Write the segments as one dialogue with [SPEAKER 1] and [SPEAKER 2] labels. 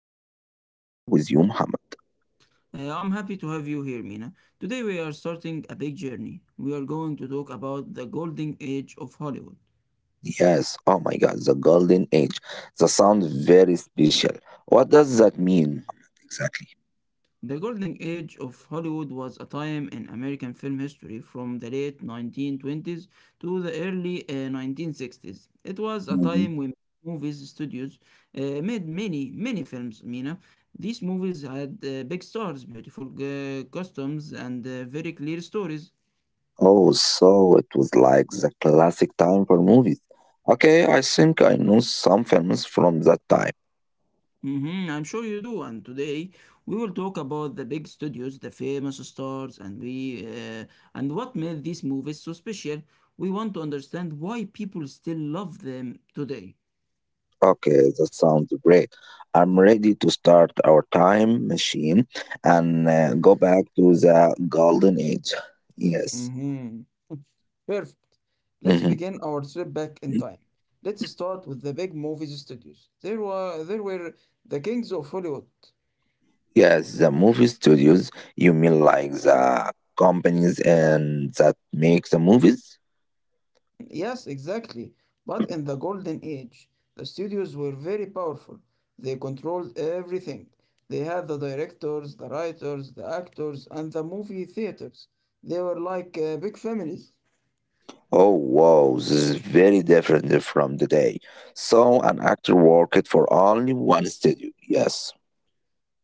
[SPEAKER 1] happy to be here with you, Muhammad.
[SPEAKER 2] I'm happy to have you here, Mina. Today, we are starting a big journey. We are going to talk about the golden age of Hollywood.
[SPEAKER 1] Yes, oh my God, the golden age. The sound very special. What does that mean, Muhammad, exactly?
[SPEAKER 2] The golden age of Hollywood was a time in American film history from the late 1920s to the early 1960s. It was a
[SPEAKER 1] Mhm.
[SPEAKER 2] time when movies studios made many films, Mina. These movies had big stars, beautiful costumes, and very clear stories.
[SPEAKER 1] Oh, so it was like the classic time for movies. Okay, I think I know some films from that time.
[SPEAKER 2] Hmm, I'm sure you do. And today we will talk about the big studios, the famous stars, and we and what made these movies so special. We want to understand why people still love them today.
[SPEAKER 1] Okay, that sounds great. I'm ready to start our time machine and go back to the golden age. Yes.
[SPEAKER 2] Mm-hmm. Perfect. Let's
[SPEAKER 1] Mhm.
[SPEAKER 2] begin our trip back in time. Let's start with the big movies studios. There were the kings of Hollywood.
[SPEAKER 1] Yes, the movie studios, you mean like the companies and that make the movies?
[SPEAKER 2] Yes, exactly. But in the golden age, the studios were very powerful. They controlled everything. They had the directors, the writers, the actors, and the movie theaters. They were like big families.
[SPEAKER 1] Oh wow, this is very different from today. So an actor worked for only one studio. Yes.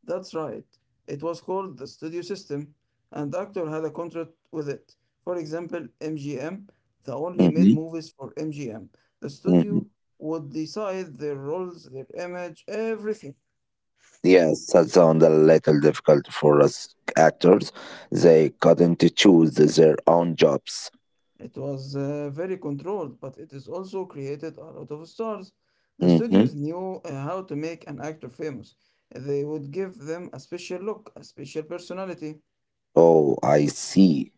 [SPEAKER 2] That's right. It was called the studio system, and actor had a contract with it. For example, MGM, they only made
[SPEAKER 1] Mm-hmm.
[SPEAKER 2] movies for MGM. The
[SPEAKER 1] Mm-hmm.
[SPEAKER 2] studio would decide their roles, their image, everything.
[SPEAKER 1] Yes, that sounds a little difficult for us actors. They couldn't choose their own jobs.
[SPEAKER 2] It was very controlled, but it is also created a lot of stars. The
[SPEAKER 1] Mhm.
[SPEAKER 2] studios knew how to make an actor famous. They would give them a special look, a special personality.
[SPEAKER 1] Oh, I see.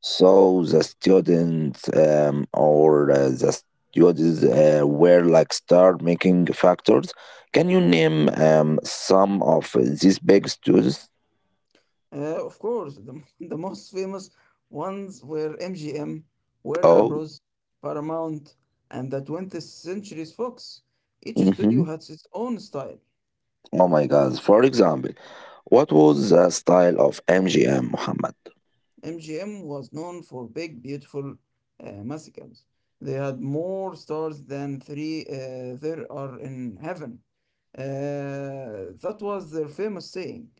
[SPEAKER 1] So the students or the students were like star making factors. Can you name some of these big students?
[SPEAKER 2] Of course, the most famous ones were MGM, Warner
[SPEAKER 1] Oh,
[SPEAKER 2] Bros., Paramount, and the 20th century's Fox. Each
[SPEAKER 1] hmm
[SPEAKER 2] studio had its own style.
[SPEAKER 1] oh my God. For example, what was the style of MGM Muhammad?
[SPEAKER 2] MGM was known for big, beautiful musicals. They had more stars than three there are in heaven. That was their famous saying.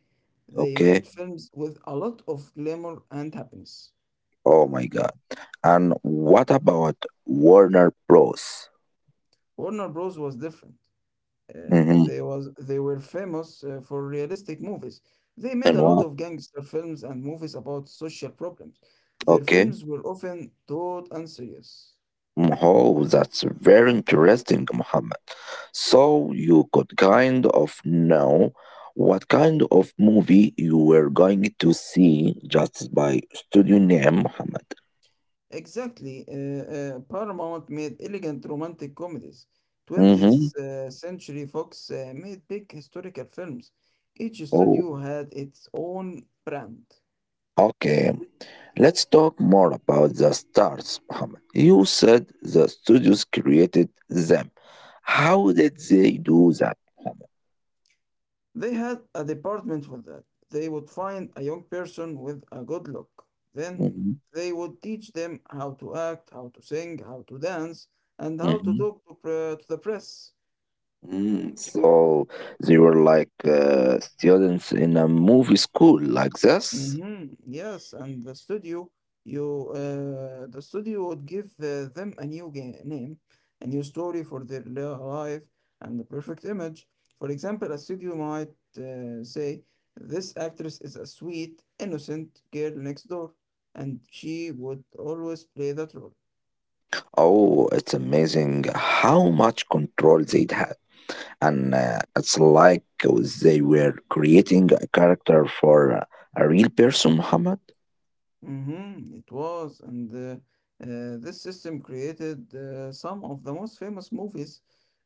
[SPEAKER 2] They
[SPEAKER 1] Okay.
[SPEAKER 2] made films with a lot of glamour and happiness.
[SPEAKER 1] Oh my God. And what about Warner Bros?
[SPEAKER 2] Warner Bros. Was different.
[SPEAKER 1] Hmm.
[SPEAKER 2] They were famous for realistic movies. They made
[SPEAKER 1] And
[SPEAKER 2] a lot
[SPEAKER 1] what?
[SPEAKER 2] of gangster films and movies about social problems. Their
[SPEAKER 1] Okay.
[SPEAKER 2] films were often taut and serious.
[SPEAKER 1] Oh, that's very interesting, Mohammed. So you could kind of know what kind of movie you were going to see just by studio name, Mohammed.
[SPEAKER 2] Exactly. Paramount made elegant romantic comedies.
[SPEAKER 1] Mm-hmm.
[SPEAKER 2] 20th Century Fox made big historical films. Each
[SPEAKER 1] Oh,
[SPEAKER 2] studio had its own brand.
[SPEAKER 1] okay. Let's talk more about the stars, Mohammed. You said the studios created them. How did they do that, Muhammad?
[SPEAKER 2] They had a department for that. They would find a young person with a good look. Then
[SPEAKER 1] Mm-hmm.
[SPEAKER 2] they would teach them how to act, how to sing, how to dance, and how to
[SPEAKER 1] Mm-hmm.
[SPEAKER 2] to the press.
[SPEAKER 1] So they were like students in a movie school like this.
[SPEAKER 2] Mm-hmm. Yes, and the studio would give them a name, a new story for life, and the perfect image. For example, a studio might say, "This actress is a sweet, innocent girl next door," and she would always play that role.
[SPEAKER 1] Oh, it's amazing how much control they'd had. And it's like they were creating a character for a, real person, Muhammad.
[SPEAKER 2] Mm-hmm, it was, and this system created some of the most famous movies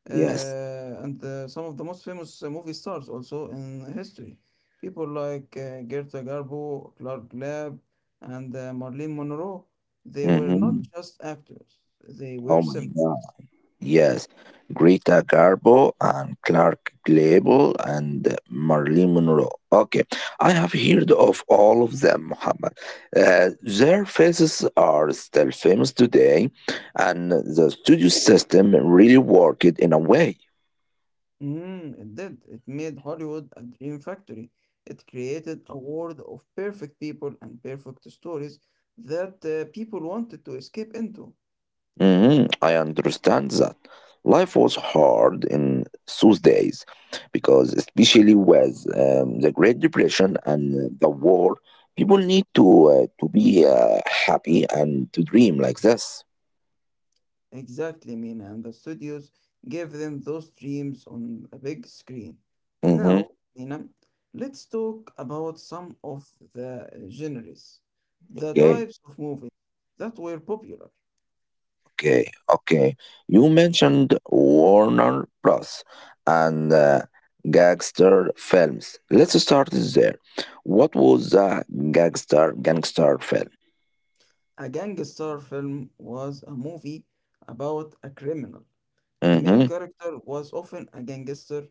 [SPEAKER 1] Yes.
[SPEAKER 2] uh, and some of the most famous movie stars also in history. People like Greta Garbo, Clark Gable, and Marilyn Monroe. They were not
[SPEAKER 1] Hmm.
[SPEAKER 2] just actors; they
[SPEAKER 1] Oh
[SPEAKER 2] were
[SPEAKER 1] my God.
[SPEAKER 2] symbols.
[SPEAKER 1] Yes, Greta Garbo and Clark Gable and Marilyn Monroe. Okay, I have heard of all of them, Muhammad. Their faces are still famous today, and the studio system really worked in a way.
[SPEAKER 2] Mm, it did. It made Hollywood a dream factory. It created a world of perfect people and perfect stories that people wanted to escape into.
[SPEAKER 1] Mhm, I understand that. Life was hard in those days because, especially with the Great Depression and the war, people need to be happy and to dream like this.
[SPEAKER 2] Exactly, Mina, and the studios gave them those dreams on a big screen.
[SPEAKER 1] Hmm.
[SPEAKER 2] Now, Mina, let's talk about some of the genres, the
[SPEAKER 1] Okay,
[SPEAKER 2] types of movies that were popular.
[SPEAKER 1] okay, okay. You mentioned Warner Bros. And gangster films. Let's start there. What was a gangster film?
[SPEAKER 2] A gangster film was a movie about a criminal. The main
[SPEAKER 1] Mm-hmm,
[SPEAKER 2] character was often a gangster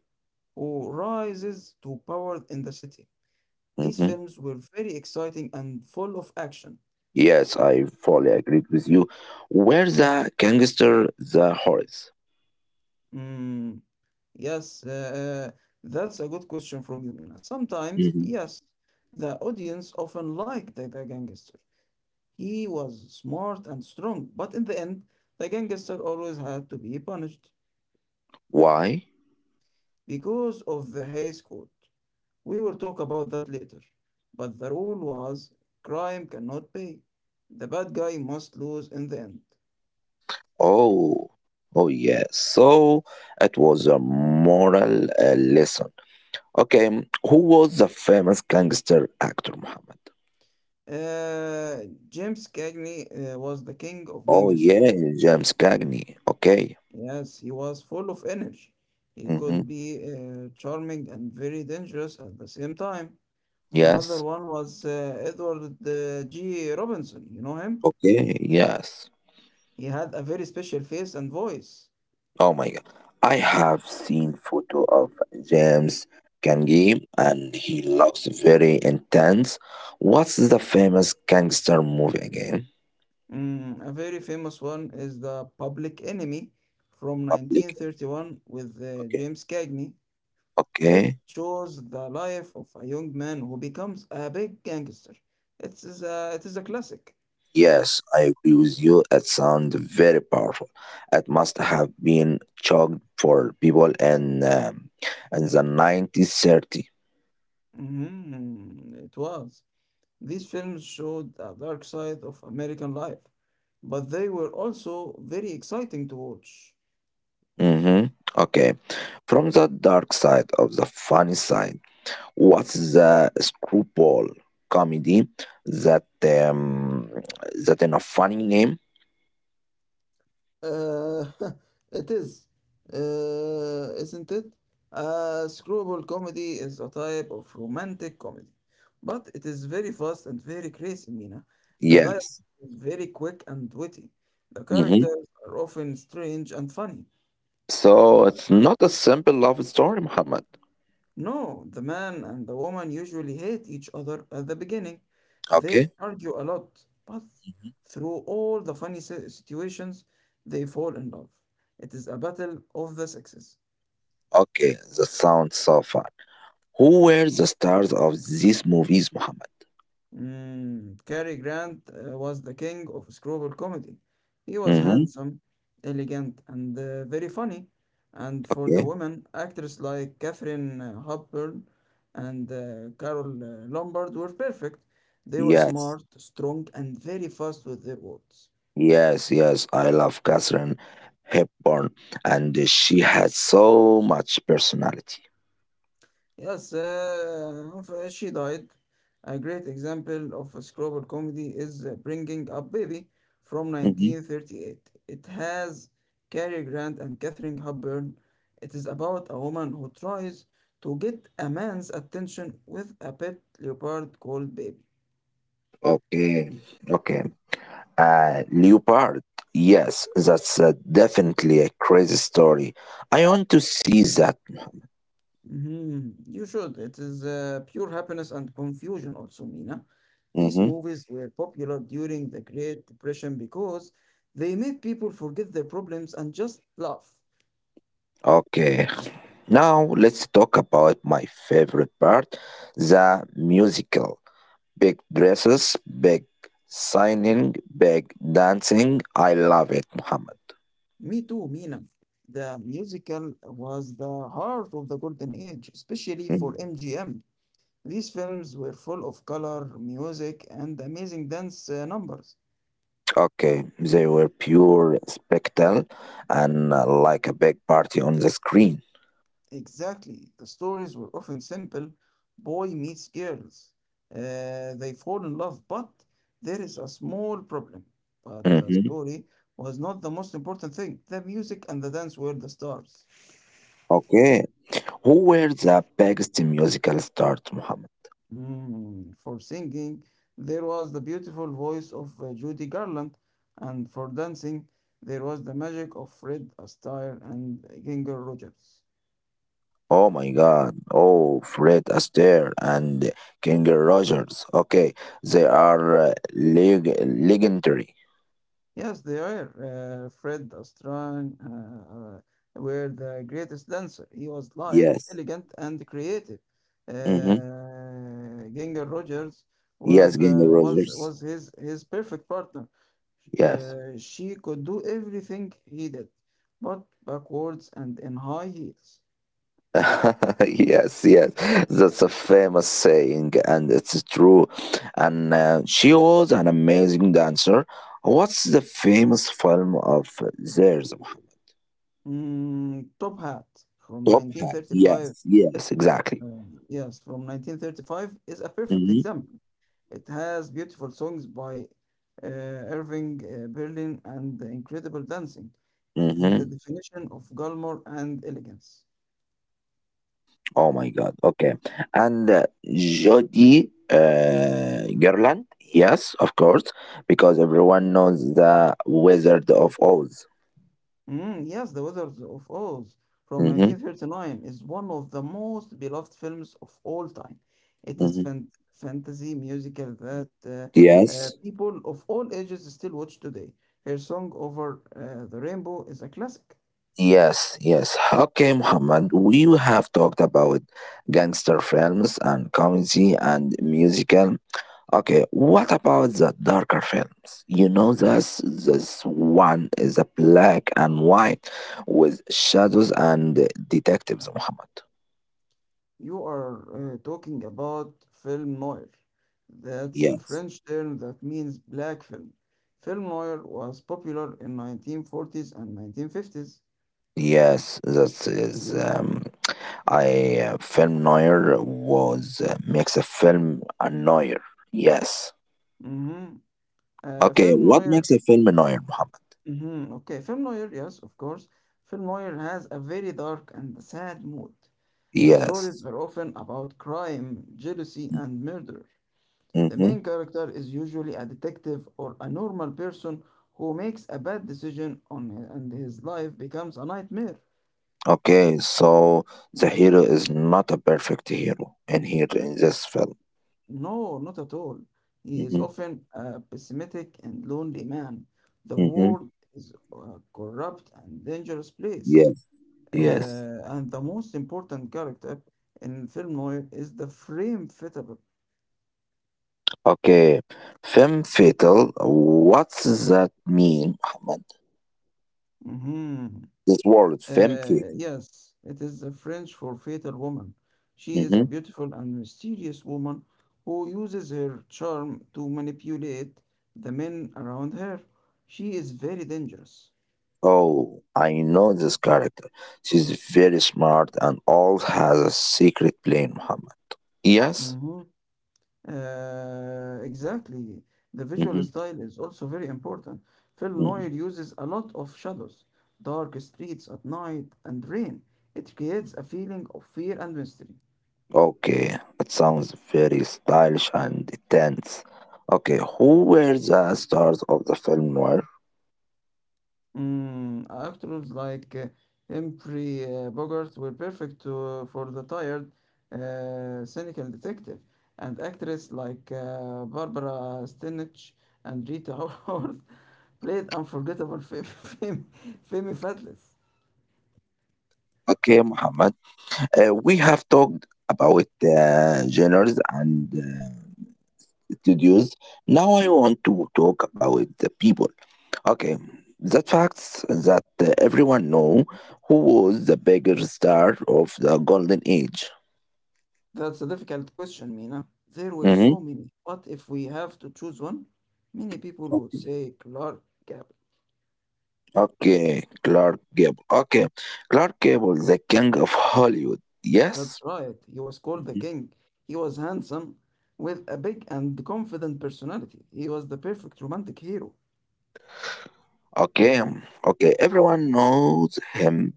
[SPEAKER 2] who rises to power in the city. These
[SPEAKER 1] mm-hmm.
[SPEAKER 2] films were very exciting and full of action.
[SPEAKER 1] Yes, I fully agree with you. Where the gangster the horse?
[SPEAKER 2] Mm, yes, that's a good question from you, Mina. Sometimes,
[SPEAKER 1] Mhm.
[SPEAKER 2] yes, the audience often liked the gangster. He was smart and strong, but in the end, the gangster always had to be punished
[SPEAKER 1] Why?
[SPEAKER 2] because of the Hays Code. We will talk about that later. But the rule was crime cannot pay. The bad guy must lose in the end.
[SPEAKER 1] Oh, oh yes. So it was a moral lesson. Okay, who was the famous gangster actor, Muhammad?
[SPEAKER 2] Uh, James Cagney was the king of
[SPEAKER 1] Oh
[SPEAKER 2] gang
[SPEAKER 1] yeah,
[SPEAKER 2] surfing.
[SPEAKER 1] James Cagney. Okay.
[SPEAKER 2] Yes, he was full of energy. He
[SPEAKER 1] Hmm.
[SPEAKER 2] could be charming and very dangerous at the same time. Another
[SPEAKER 1] Yes.
[SPEAKER 2] one was Edward G. Robinson. You know him?
[SPEAKER 1] Okay. Yes.
[SPEAKER 2] He had a very special face and voice.
[SPEAKER 1] Oh my god. I have seen photo of James Gangi and he looks very intense. What's the famous gangster movie again?
[SPEAKER 2] Mm, a very famous one is The Public Enemy from
[SPEAKER 1] Public
[SPEAKER 2] 1931 with
[SPEAKER 1] okay.
[SPEAKER 2] James Cagney. It
[SPEAKER 1] Okay.
[SPEAKER 2] shows the life of a young man who becomes a big gangster. It is a classic.
[SPEAKER 1] Yes, I agree with you. It sounds very powerful. It must have been chugged for people in the 1930.
[SPEAKER 2] Mhm, it was. These films showed the dark side of American life, but they were also very exciting to watch.
[SPEAKER 1] Mm-hmm. Okay. From the dark side of the funny side. What's the screwball comedy that um, that in a funny name?
[SPEAKER 2] Uh, it is, isn't it? Screwball comedy is a type of romantic comedy, but it is very fast and very crazy, Mina. The dialogue
[SPEAKER 1] Yes.
[SPEAKER 2] is very quick and witty. The
[SPEAKER 1] hmm
[SPEAKER 2] characters are often strange and funny.
[SPEAKER 1] So it's not a simple love story, Muhammad.
[SPEAKER 2] No, the man and the woman usually hate each other at the beginning. They
[SPEAKER 1] Okay.
[SPEAKER 2] argue a lot, but
[SPEAKER 1] Mhm.
[SPEAKER 2] through all the situations, they fall in love. It is a battle of the sexes.
[SPEAKER 1] Okay. The sound so far. Who were the stars of these movies, Muhammad?
[SPEAKER 2] Mm, Cary Grant was the king of screwball comedy. He was
[SPEAKER 1] Mhm.
[SPEAKER 2] handsome, elegant, and very funny. And for the
[SPEAKER 1] Okay.
[SPEAKER 2] women, actors like Catherine Hepburn and Carol Lombard were perfect. They were
[SPEAKER 1] Yes.
[SPEAKER 2] smart, strong, and very fast with their words.
[SPEAKER 1] Yes. Yes. I love Catherine Hepburn, and she had so much personality.
[SPEAKER 2] Yes, she died. A great example of a screwball comedy is Bringing Up Baby from
[SPEAKER 1] Mhm.
[SPEAKER 2] 1938. It has Cary Grant and Katharine Hepburn. It is about a woman who tries to get a man's attention with a pet leopard called Baby.
[SPEAKER 1] Okay. Okay. Leopard. Yes, that's definitely a crazy story. I want to see that.
[SPEAKER 2] Mhm. You should. It is pure happiness and confusion, also, Mina. These
[SPEAKER 1] Hmm.
[SPEAKER 2] movies were popular during the Great Depression because they made people forget their problems and just laugh.
[SPEAKER 1] Okay, now let's talk about my favorite part the musical. Big dresses, big signing, big dancing. I love it, Muhammad.
[SPEAKER 2] Me too, Mina. The musical was the heart of the golden age, especially for
[SPEAKER 1] Mhm.
[SPEAKER 2] MGM. These films were full of color, music, and amazing dance numbers.
[SPEAKER 1] Okay, they were pure spectacle and like a big party on the screen.
[SPEAKER 2] Exactly. The stories were often simple: boy meets girls. They fall in love, but there is a small problem. But the
[SPEAKER 1] Mhm.
[SPEAKER 2] story was not the most important thing. The music and the dance were the stars.
[SPEAKER 1] Okay. Who were the biggest musical stars, Muhammad?
[SPEAKER 2] Mm, for singing, there was the beautiful voice of Judy Garland, and for dancing, there was the magic of Fred Astaire and Ginger Rogers.
[SPEAKER 1] Oh my God. Oh, Fred Astaire and King Rogers. Okay. They are legendary.
[SPEAKER 2] Yes, they are. Fred Astran were the greatest dancer. He was light,
[SPEAKER 1] Yes.
[SPEAKER 2] elegant, and creative.
[SPEAKER 1] Mm-hmm.
[SPEAKER 2] Ginger Rogers was
[SPEAKER 1] Yes, King
[SPEAKER 2] the
[SPEAKER 1] Rogers.
[SPEAKER 2] was his perfect partner.
[SPEAKER 1] Yes.
[SPEAKER 2] She could do everything he did, but backwards and in high heels.
[SPEAKER 1] yes, yes. That's a famous saying, and it's true. And she was an amazing dancer. What's the famous film of theirs,
[SPEAKER 2] Mm, top hat from
[SPEAKER 1] Top hat.
[SPEAKER 2] 1935.
[SPEAKER 1] Yes, yes, exactly.
[SPEAKER 2] Yes, from 1935 is a perfect
[SPEAKER 1] Hmm.
[SPEAKER 2] example. It has beautiful songs by uh, Irving Berlin and incredible dancing. It is the
[SPEAKER 1] Hmm.
[SPEAKER 2] definition of glamour and elegance.
[SPEAKER 1] Oh my God. Okay. And Jody Garland. Yes, of course, because everyone knows the Wizard of Oz.
[SPEAKER 2] Mm, yes, The Wizards of Oz from
[SPEAKER 1] Hmm.
[SPEAKER 2] 1939 is one of the most beloved films of all time. It is
[SPEAKER 1] Hmm.
[SPEAKER 2] fantasy musical that
[SPEAKER 1] Yes.
[SPEAKER 2] people of all ages still watch today. Her song Over the Rainbow is a classic.
[SPEAKER 1] Yes, yes. Okay, Muhammad, we have talked about gangster films and comedy and musical. Okay, what about the darker films? You know, this one is a black and white with shadows and detectives, Muhammad.
[SPEAKER 2] You are talking about film noir. That's a
[SPEAKER 1] Yes.
[SPEAKER 2] French term that means black film. Film noir was popular in 1940s and 1950s.
[SPEAKER 1] Yes, that is. I film noir was makes a film a noir. Yes.
[SPEAKER 2] Mm-hmm.
[SPEAKER 1] Okay,
[SPEAKER 2] Film
[SPEAKER 1] what
[SPEAKER 2] noir.
[SPEAKER 1] makes a film a noir, Muhammad?
[SPEAKER 2] Mm-hmm. Okay, film noir, yes, of course. Film noir has a very dark and sad mood. The
[SPEAKER 1] Yes.
[SPEAKER 2] stories are often about crime, jealousy, and murder. The
[SPEAKER 1] Mm-hmm.
[SPEAKER 2] main character is usually a detective or a normal person who makes a bad decision on and his life becomes a nightmare.
[SPEAKER 1] Okay, so the hero is not a perfect hero in here in this film.
[SPEAKER 2] No, not at all. He is
[SPEAKER 1] Mm-hmm.
[SPEAKER 2] often a pessimistic and lonely man. The
[SPEAKER 1] Mm-hmm.
[SPEAKER 2] world is a corrupt and dangerous place.
[SPEAKER 1] Yes, yes.
[SPEAKER 2] And the most important character in film noir is the frame fittable.
[SPEAKER 1] Okay. Femme fatal. What's that mean, Ahmed?
[SPEAKER 2] Mhm.
[SPEAKER 1] This word, femme fatal.
[SPEAKER 2] Yes, it is the French for fatal woman. She is
[SPEAKER 1] hmm
[SPEAKER 2] a beautiful and mysterious woman who uses her charm to manipulate the men around her. She is very dangerous.
[SPEAKER 1] Oh, I know this character. She's very smart and all has a secret plan, Muhammad. Yes?
[SPEAKER 2] Mhm. Exactly. The visual
[SPEAKER 1] Hmm.
[SPEAKER 2] style is also very important. Film
[SPEAKER 1] Hmm.
[SPEAKER 2] noir uses a lot of shadows, dark streets at night, and rain. It creates a feeling of fear and mystery.
[SPEAKER 1] Okay. It sounds very stylish and intense. Okay, who were the stars of the film noir?
[SPEAKER 2] Mm, actors like Humphrey Bogart were perfect for the tired, cynical detective, and actress like Barbara Stanwyck and Rita Hayworth played unforgettable Femi Fabulous.
[SPEAKER 1] Okay, Muhammad. We have talked about genres and studios. Now I want to talk about the people. Okay, that facts that everyone know who was the bigger star of the golden age.
[SPEAKER 2] That's a difficult question, Mina. There were
[SPEAKER 1] Hmm.
[SPEAKER 2] so many. What if we have to choose one? Many people would say Clark Gable.
[SPEAKER 1] Okay, Clark Gable. Okay, Clark Gable, the king of Hollywood.
[SPEAKER 2] That's
[SPEAKER 1] Yes.
[SPEAKER 2] right. He was called the
[SPEAKER 1] Mhm.
[SPEAKER 2] king. He was handsome, with a big and confident personality. He was the perfect romantic hero.
[SPEAKER 1] Okay, okay. Everyone knows him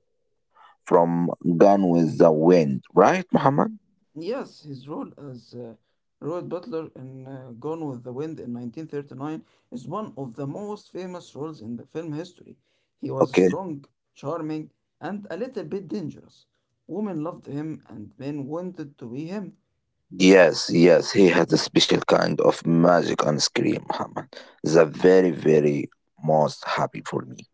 [SPEAKER 1] from Gone with the Wind, right, Muhammad?
[SPEAKER 2] Yes, his role as Robert Butler in Gone with the Wind in 1939 is one of the most famous roles in the film history. He was
[SPEAKER 1] Okay.
[SPEAKER 2] strong, charming, and a little bit dangerous. Women loved him, and men wanted to be him.
[SPEAKER 1] Yes, yes, he has a special kind of magic on screen, Muhammad. The very, very most happy for me.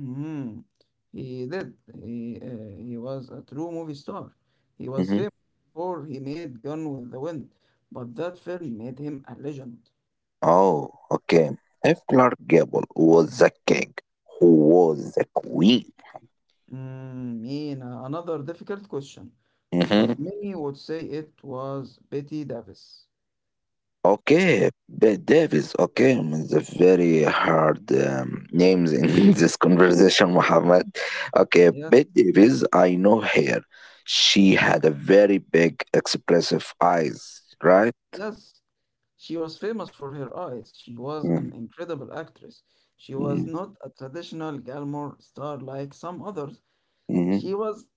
[SPEAKER 2] Mm, he did. He was a true movie star. He was
[SPEAKER 1] Hmm.
[SPEAKER 2] famous before he made Gone with the Wind, but that film made him a legend.
[SPEAKER 1] Oh, okay. If Clark Gable was the king, who was the queen?
[SPEAKER 2] Another difficult question,
[SPEAKER 1] Hmm.
[SPEAKER 2] but many would say it was Betty Davis.
[SPEAKER 1] Okay, Bette Davis. Okay, it's a very hard names in this conversation, Muhammad. Okay,
[SPEAKER 2] Yes,
[SPEAKER 1] Bette Davis. I know her. She had a very big, expressive eyes, right?
[SPEAKER 2] yes, she was famous for her eyes. She was an incredible actress. She was
[SPEAKER 1] Mm.
[SPEAKER 2] not a traditional glamour star like some others.
[SPEAKER 1] Mhm.
[SPEAKER 2] She was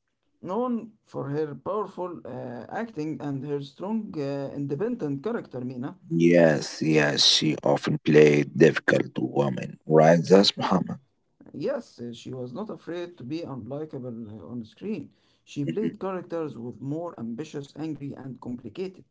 [SPEAKER 2] known for her powerful acting and her strong, independent character, Mina.
[SPEAKER 1] Yes, yes, she often played difficult woman, right? That's Muhammad.
[SPEAKER 2] Yes, she was not afraid to be unlikable on screen. She
[SPEAKER 1] Mhm.
[SPEAKER 2] played characters with more ambitious, angry, and complicated.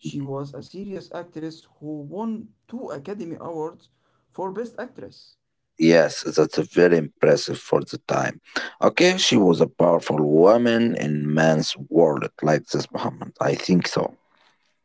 [SPEAKER 2] She was a serious actress who won two Academy Awards for Best Actress.
[SPEAKER 1] Yes, that's very impressive for the time. Okay, she was a powerful woman in man's world, like this Muhammad. I think so.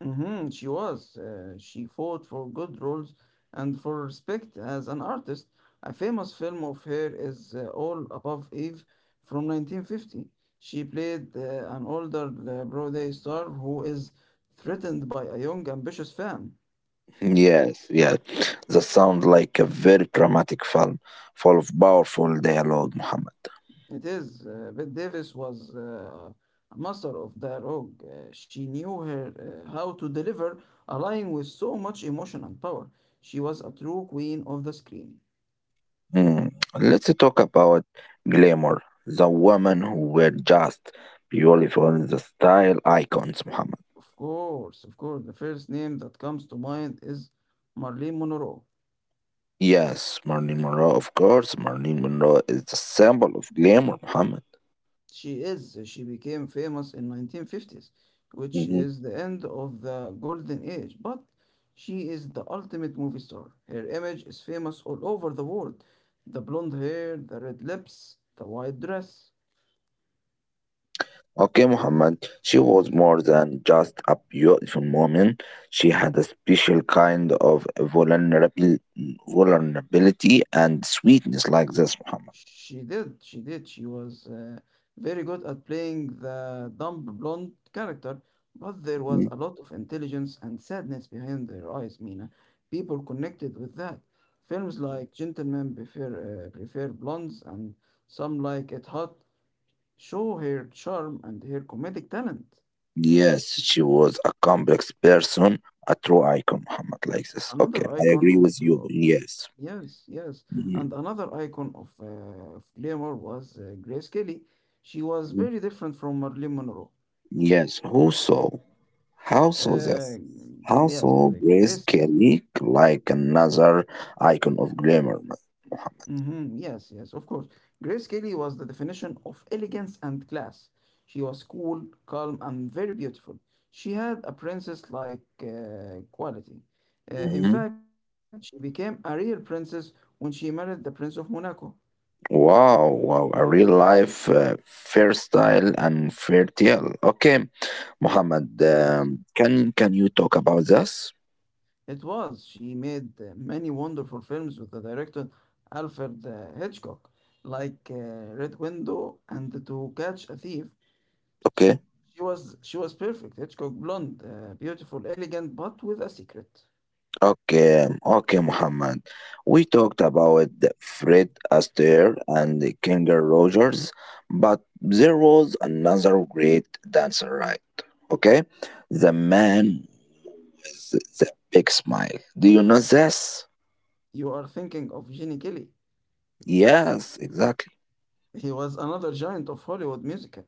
[SPEAKER 2] Mhm, she was. She fought for good roles and for respect as an artist. A famous film of her is All Above Eve from 1950. She played an older Broadway star who is threatened by a young, ambitious fan.
[SPEAKER 1] Yes, yes. That sounds like a very dramatic film, full of powerful dialogue, Muhammad.
[SPEAKER 2] It is. Bette Davis was a master of dialogue. She knew her how to deliver a line with so much emotion and power. She was a true queen of the screen.
[SPEAKER 1] Mm. Let's talk about glamour, the women who were just beautiful, in the style icons, Muhammad.
[SPEAKER 2] Of course, of course. The first name that comes to mind is Marlene Monroe.
[SPEAKER 1] Yes, Marilyn Monroe, of course. Marilyn Monroe is the symbol of glamour, Muhammad.
[SPEAKER 2] She became famous in 1950s, which
[SPEAKER 1] Hmm.
[SPEAKER 2] is the end of the golden age, but she is the ultimate movie star. Her image is famous all over the world. The blonde hair, the red lips, the white dress.
[SPEAKER 1] Okay, Muhammad, she was more than just a beautiful woman. She had a special kind of vulnerability and sweetness like this, Muhammad.
[SPEAKER 2] She did, she did. She was very good at playing the dumb blonde character, but there was
[SPEAKER 1] Hmm.
[SPEAKER 2] a lot of intelligence and sadness behind their eyes, Mina. People connected with that. Films like Gentlemen Prefer Blondes and Some Like It Hot show her charm and her comedic talent.
[SPEAKER 1] Yes, she was a complex person, a true icon, Muhammad, like this. Okay,
[SPEAKER 2] Another
[SPEAKER 1] I
[SPEAKER 2] icon
[SPEAKER 1] agree
[SPEAKER 2] of,
[SPEAKER 1] with you.
[SPEAKER 2] uh,
[SPEAKER 1] Yes.
[SPEAKER 2] yes, yes, and
[SPEAKER 1] Hmm.
[SPEAKER 2] another icon of glamour was Grace Kelly. She was
[SPEAKER 1] Mhm.
[SPEAKER 2] very different from Marilyn Monroe.
[SPEAKER 1] Yes, who saw?
[SPEAKER 2] Uh,
[SPEAKER 1] Houses.
[SPEAKER 2] yes, uh,
[SPEAKER 1] Also,
[SPEAKER 2] Grace.
[SPEAKER 1] Grace Kelly, like another icon of glamour.
[SPEAKER 2] Mhm, yes, yes, of course. Grace Kelly was the definition of elegance and class. She was cool, calm, and very beautiful. She had a princess-like quality. In
[SPEAKER 1] Hmm.
[SPEAKER 2] fact, she became a real princess when she married the Prince of Monaco.
[SPEAKER 1] Wow, wow, a real life fair style and fair tale. Okay, Muhammad,
[SPEAKER 2] Yes,
[SPEAKER 1] can you talk about this?
[SPEAKER 2] it was. She made many wonderful films with the director Alfred Hitchcock, like Red Window and To Catch a Thief.
[SPEAKER 1] Okay.
[SPEAKER 2] She was perfect. Hitchcock blonde, beautiful, elegant, but with a secret.
[SPEAKER 1] Okay, okay, Muhammad. We talked about the Fred Astaire and the Ginger Rogers, but there was another great dancer, right? Okay, the man with the big smile. Do you know this?
[SPEAKER 2] You are thinking of Gene Kelly.
[SPEAKER 1] Yes, exactly.
[SPEAKER 2] He was another giant of Hollywood music.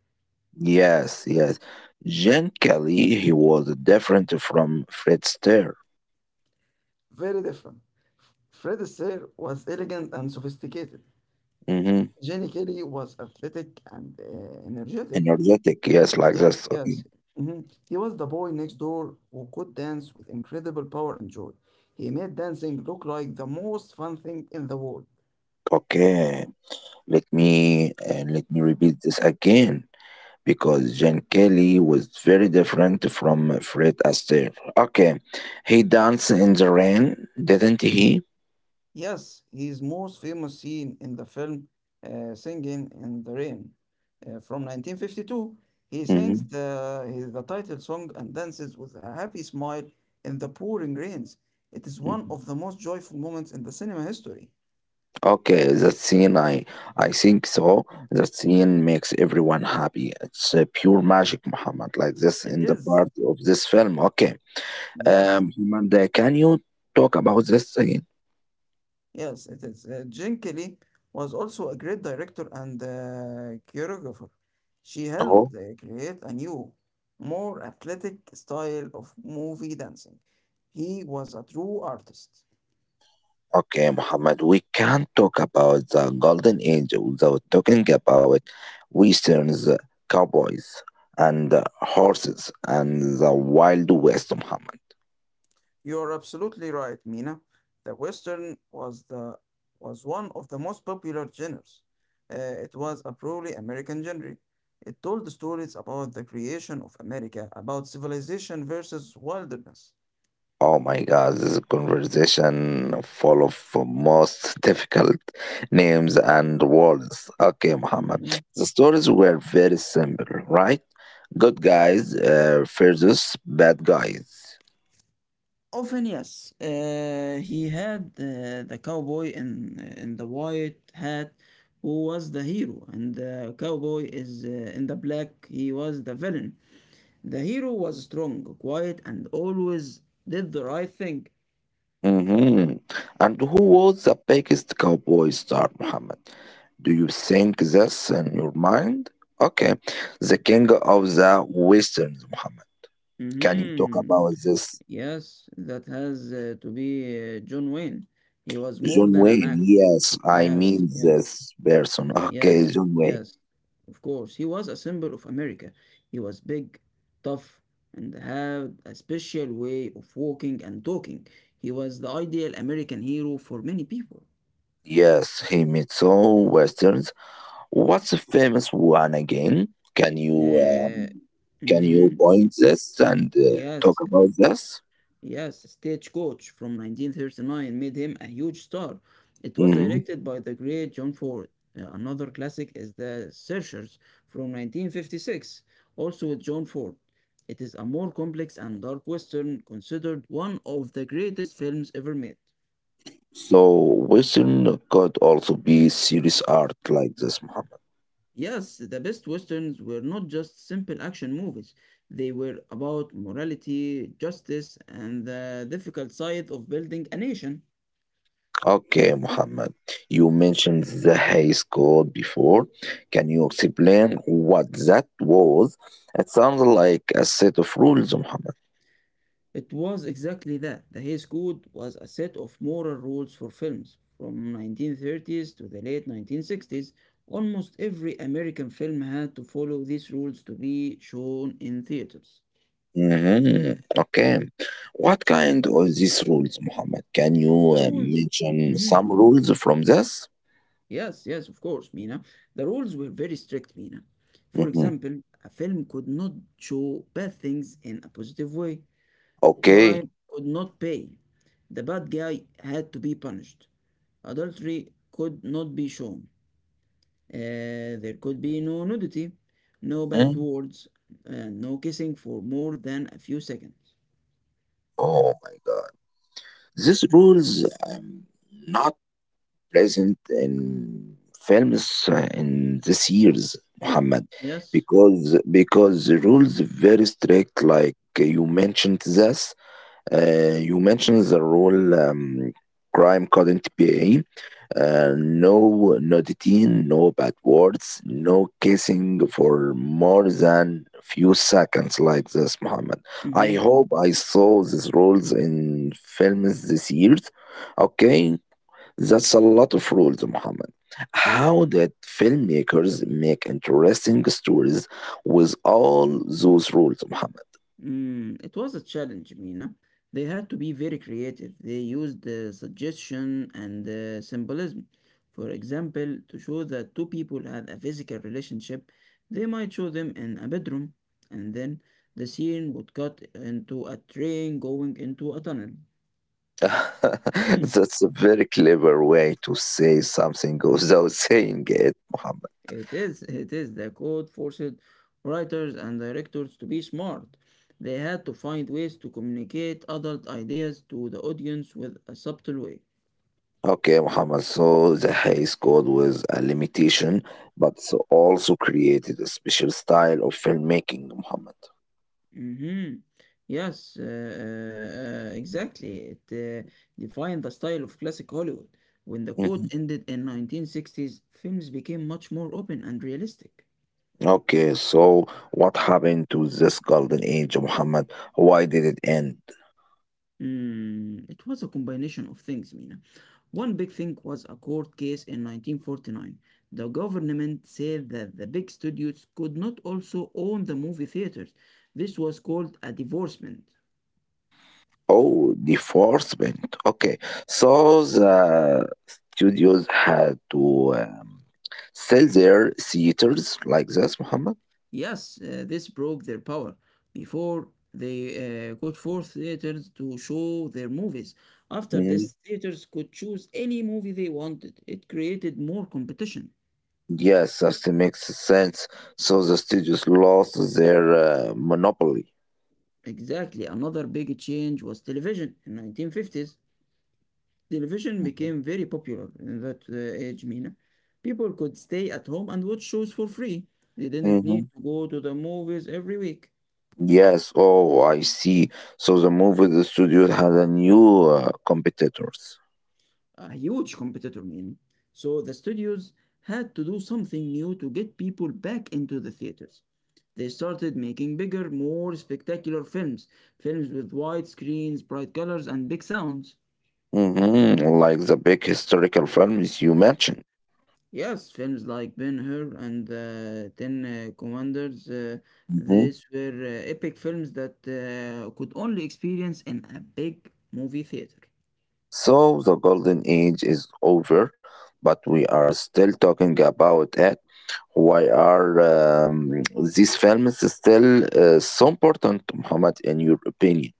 [SPEAKER 1] Yes, yes. Jen Kelly, he was different from Fred Astaire.
[SPEAKER 2] Very different. Fred Astaire was elegant and sophisticated.
[SPEAKER 1] Mm-hmm.
[SPEAKER 2] Gene Kelly was athletic and energetic.
[SPEAKER 1] Energetic, yes, like
[SPEAKER 2] Yes,
[SPEAKER 1] this. Okay,
[SPEAKER 2] yes. Mhm. He was the boy next door who could dance with incredible power and joy. He made dancing look like the most fun thing in the world.
[SPEAKER 1] okay. Let me and let me repeat this again because Jen Kelly was very different from Fred Astaire. Okay, he danced in the rain, didn't he?
[SPEAKER 2] Yes, his most famous scene in the film Singing in the Rain from 1952. He sings
[SPEAKER 1] Hmm.
[SPEAKER 2] the title song and dances with a happy smile in the pouring rains. It is
[SPEAKER 1] Hmm.
[SPEAKER 2] one of the most joyful moments in the cinema history.
[SPEAKER 1] Okay, that scene, I think so. That scene makes everyone happy. It's pure magic, Muhammad, like this
[SPEAKER 2] It
[SPEAKER 1] in the
[SPEAKER 2] is,
[SPEAKER 1] part of this film. Okay,
[SPEAKER 2] yes.
[SPEAKER 1] Muhammad, can you talk about this scene?
[SPEAKER 2] Yes, it is. Jean Kelly was also a great director and choreographer. She helped create a new, more athletic style of movie dancing. He was a true artist.
[SPEAKER 1] Okay, Muhammad, we can't talk about the Golden Age without talking about Westerns, cowboys, and horses, and the Wild West, Muhammad.
[SPEAKER 2] You are absolutely right, Mina. The Western was one of the most popular genres. It was a purely American genre. It told stories about the creation of America, about civilization versus wilderness.
[SPEAKER 1] Oh my God, this is a conversation full of most difficult names and words. Okay, Muhammad.
[SPEAKER 2] Mm-hmm.
[SPEAKER 1] The stories were very simple, right? Good guys versus bad guys.
[SPEAKER 2] Often, yes. He had uh, the cowboy in the white hat, who was the hero, and the cowboy is in the black. He was the villain. The hero was strong, quiet, and always did the right thing.
[SPEAKER 1] hmm And who was the biggest cowboy star, Muhammad? Do you think this in your mind? Okay, the king of the westerns, Muhammad. Can you talk
[SPEAKER 2] Hmm.
[SPEAKER 1] about this?
[SPEAKER 2] Yes, that has to be John Wayne. He was more
[SPEAKER 1] John
[SPEAKER 2] than an
[SPEAKER 1] Wayne,
[SPEAKER 2] actor.
[SPEAKER 1] yes, I
[SPEAKER 2] Yes,
[SPEAKER 1] mean
[SPEAKER 2] yes.
[SPEAKER 1] this person. Okay,
[SPEAKER 2] Yes,
[SPEAKER 1] John Wayne.
[SPEAKER 2] yes, of course. He was a symbol of America. He was big, tough, and had a special way of walking and talking. He was the ideal American hero for many people.
[SPEAKER 1] Yes, he made some westerns. What's the famous one again? Can you
[SPEAKER 2] Yeah.
[SPEAKER 1] um, can you
[SPEAKER 2] Mm-hmm.
[SPEAKER 1] point this and talk
[SPEAKER 2] Yes,
[SPEAKER 1] about this?
[SPEAKER 2] yes, Stagecoach from 1939 made him a huge star. It was
[SPEAKER 1] Mm-hmm.
[SPEAKER 2] directed by the great John Ford. Another classic is The Searchers from 1956, also with John Ford. It is a more complex and dark western, considered one of the greatest films ever made.
[SPEAKER 1] So vision could also be serious art like this, Muhammad.
[SPEAKER 2] Yes, the best westerns were not just simple action movies, they were about morality, justice, and the difficult side of building a nation.
[SPEAKER 1] Okay, Muhammad, you mentioned the Hayes Code before. Can you explain what that was? It sounds like a set of rules, Muhammad.
[SPEAKER 2] It was exactly that. The Hays Code was a set of moral rules for films. From 1930s to the late 1960s, almost every American film had to follow these rules to be shown in theaters.
[SPEAKER 1] Hmm. Okay. What kind of these rules, Muhammad? Can you
[SPEAKER 2] The
[SPEAKER 1] uh,
[SPEAKER 2] rules
[SPEAKER 1] mention
[SPEAKER 2] Mhm.
[SPEAKER 1] some rules from this?
[SPEAKER 2] Yes, yes, of course, Mina. The rules were very strict, Mina. For
[SPEAKER 1] Hmm.
[SPEAKER 2] example, a film could not show bad things in a positive way.
[SPEAKER 1] Okay.
[SPEAKER 2] Crime could not pay. The bad guy had to be punished. Adultery could not be shown. There could be no nudity, no bad
[SPEAKER 1] Mhm.
[SPEAKER 2] words, and no kissing for more than a few seconds.
[SPEAKER 1] Oh my God. These rules not present in films in this years, Muhammad,
[SPEAKER 2] Yes.
[SPEAKER 1] because the rules very strict. Like you mentioned this, you mentioned the rule crime couldn't be. No nudity, no bad words, no kissing for more than few seconds like this, Muhammad. I
[SPEAKER 2] Mm-hmm.
[SPEAKER 1] hope I saw these rules in films this year. Okay, that's a lot of rules, Muhammad. How did filmmakers make interesting stories with all those rules, Muhammad?
[SPEAKER 2] It was a challenge, Mina. They had to be very creative. They used the suggestion and symbolism. For example, to show that two people had a physical relationship, they might show them in a bedroom, and then the scene would cut into a train going into a tunnel.
[SPEAKER 1] That's a very clever way to say something without saying it, Muhammad.
[SPEAKER 2] It is, it is. The code forced writers and directors to be smart. They had to find ways to communicate adult ideas to the audience with a subtle way.
[SPEAKER 1] Okay, Muhammad. So the Hays Code was a limitation, but also created a special style of filmmaking, Muhammad.
[SPEAKER 2] Hmm. Yes, exactly. It defined the style of classic Hollywood. When the code
[SPEAKER 1] Mhm.
[SPEAKER 2] ended in 1960s, films became much more open and realistic.
[SPEAKER 1] Okay, so what happened to this golden age, Muhammad? Why did it end?
[SPEAKER 2] It was a combination of things, Mina. One big thing was a court case in 1949. The government said that the big studios could not also own the movie theaters. This was called a divorcement.
[SPEAKER 1] Oh, enforcement. Okay. So the studios had to sell their theaters like this, Muhammad?
[SPEAKER 2] Yes, this broke their power. Before, they could force theaters to show their movies. After this,
[SPEAKER 1] Mhm.
[SPEAKER 2] theaters could choose any movie they wanted. It created more competition.
[SPEAKER 1] Yes, that makes sense. So the studios lost their monopoly.
[SPEAKER 2] Exactly. Another big change was television in 1950s. Television
[SPEAKER 1] Mhm.
[SPEAKER 2] became very popular in that age, Mina. People could stay at home and watch shows for free. They didn't need
[SPEAKER 1] Mhm.
[SPEAKER 2] to go to the movies every week.
[SPEAKER 1] Yes. Oh, I see. So the studios had a new competitors.
[SPEAKER 2] A huge competitor, Mina. So the studios had to do something new to get people back into the theaters. They started making bigger, more spectacular films, films with wide screens, bright colors, and big sounds.
[SPEAKER 1] hmm Like the big historical films you mentioned.
[SPEAKER 2] Yes, films like Ben-Hur and Ten Commanders, these were epic films that could only experience in a big movie theater.
[SPEAKER 1] So the golden age is over, but we are still talking about it. Why are these films still so important, Muhammad, in your
[SPEAKER 2] Be-
[SPEAKER 1] opinion?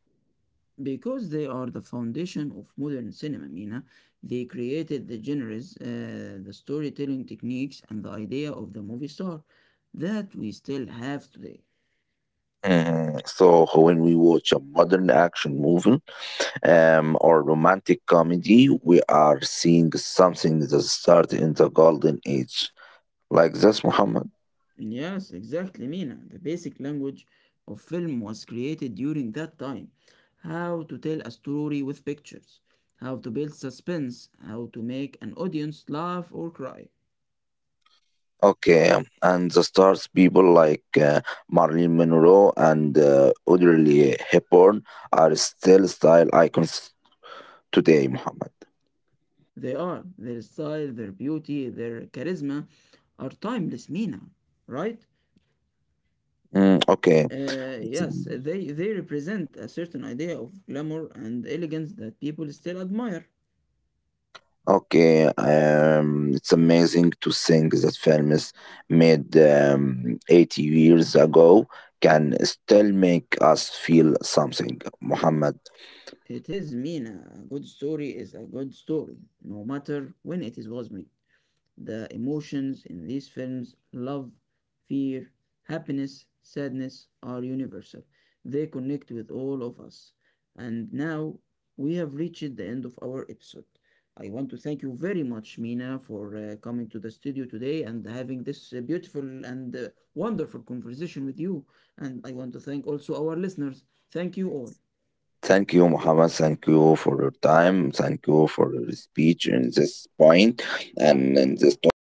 [SPEAKER 2] Because they are the foundation of modern cinema, Mina, they created the genres, the storytelling techniques, and the idea of the movie star that we still have today.
[SPEAKER 1] Mhm. So when we watch a modern action movie or romantic comedy, we are seeing something that started in the golden age. Like this, Muhammad.
[SPEAKER 2] Yes, exactly, Mina. The basic language of film was created during that time. How to tell a story with pictures, how to build suspense, how to make an audience laugh or cry.
[SPEAKER 1] Okay, and the stars people like Marilyn Monroe and Audrey Hepburn are still style icons today, Muhammad.
[SPEAKER 2] They are, their style, their beauty, their charisma are timeless, Mina, right?
[SPEAKER 1] Mm, okay. It's-
[SPEAKER 2] Yes, they represent a certain idea of glamour and elegance that people still admire.
[SPEAKER 1] okay, it's amazing to think that films made 80 years ago can still make us feel something, Muhammad.
[SPEAKER 2] It is Mina. A good story is a good story, no matter when it is was made. The emotions in these films love, fear, happiness, sadness are universal. They connect with all of us. And now we have reached the end of our episode. I want to thank you very much, Mina, for coming to the studio today and having this beautiful and wonderful conversation with you. And I want to thank also our listeners. Thank you all.
[SPEAKER 1] Thank you, Muhammad. Thank you for your time. Thank you for your speech in this point and in this topic.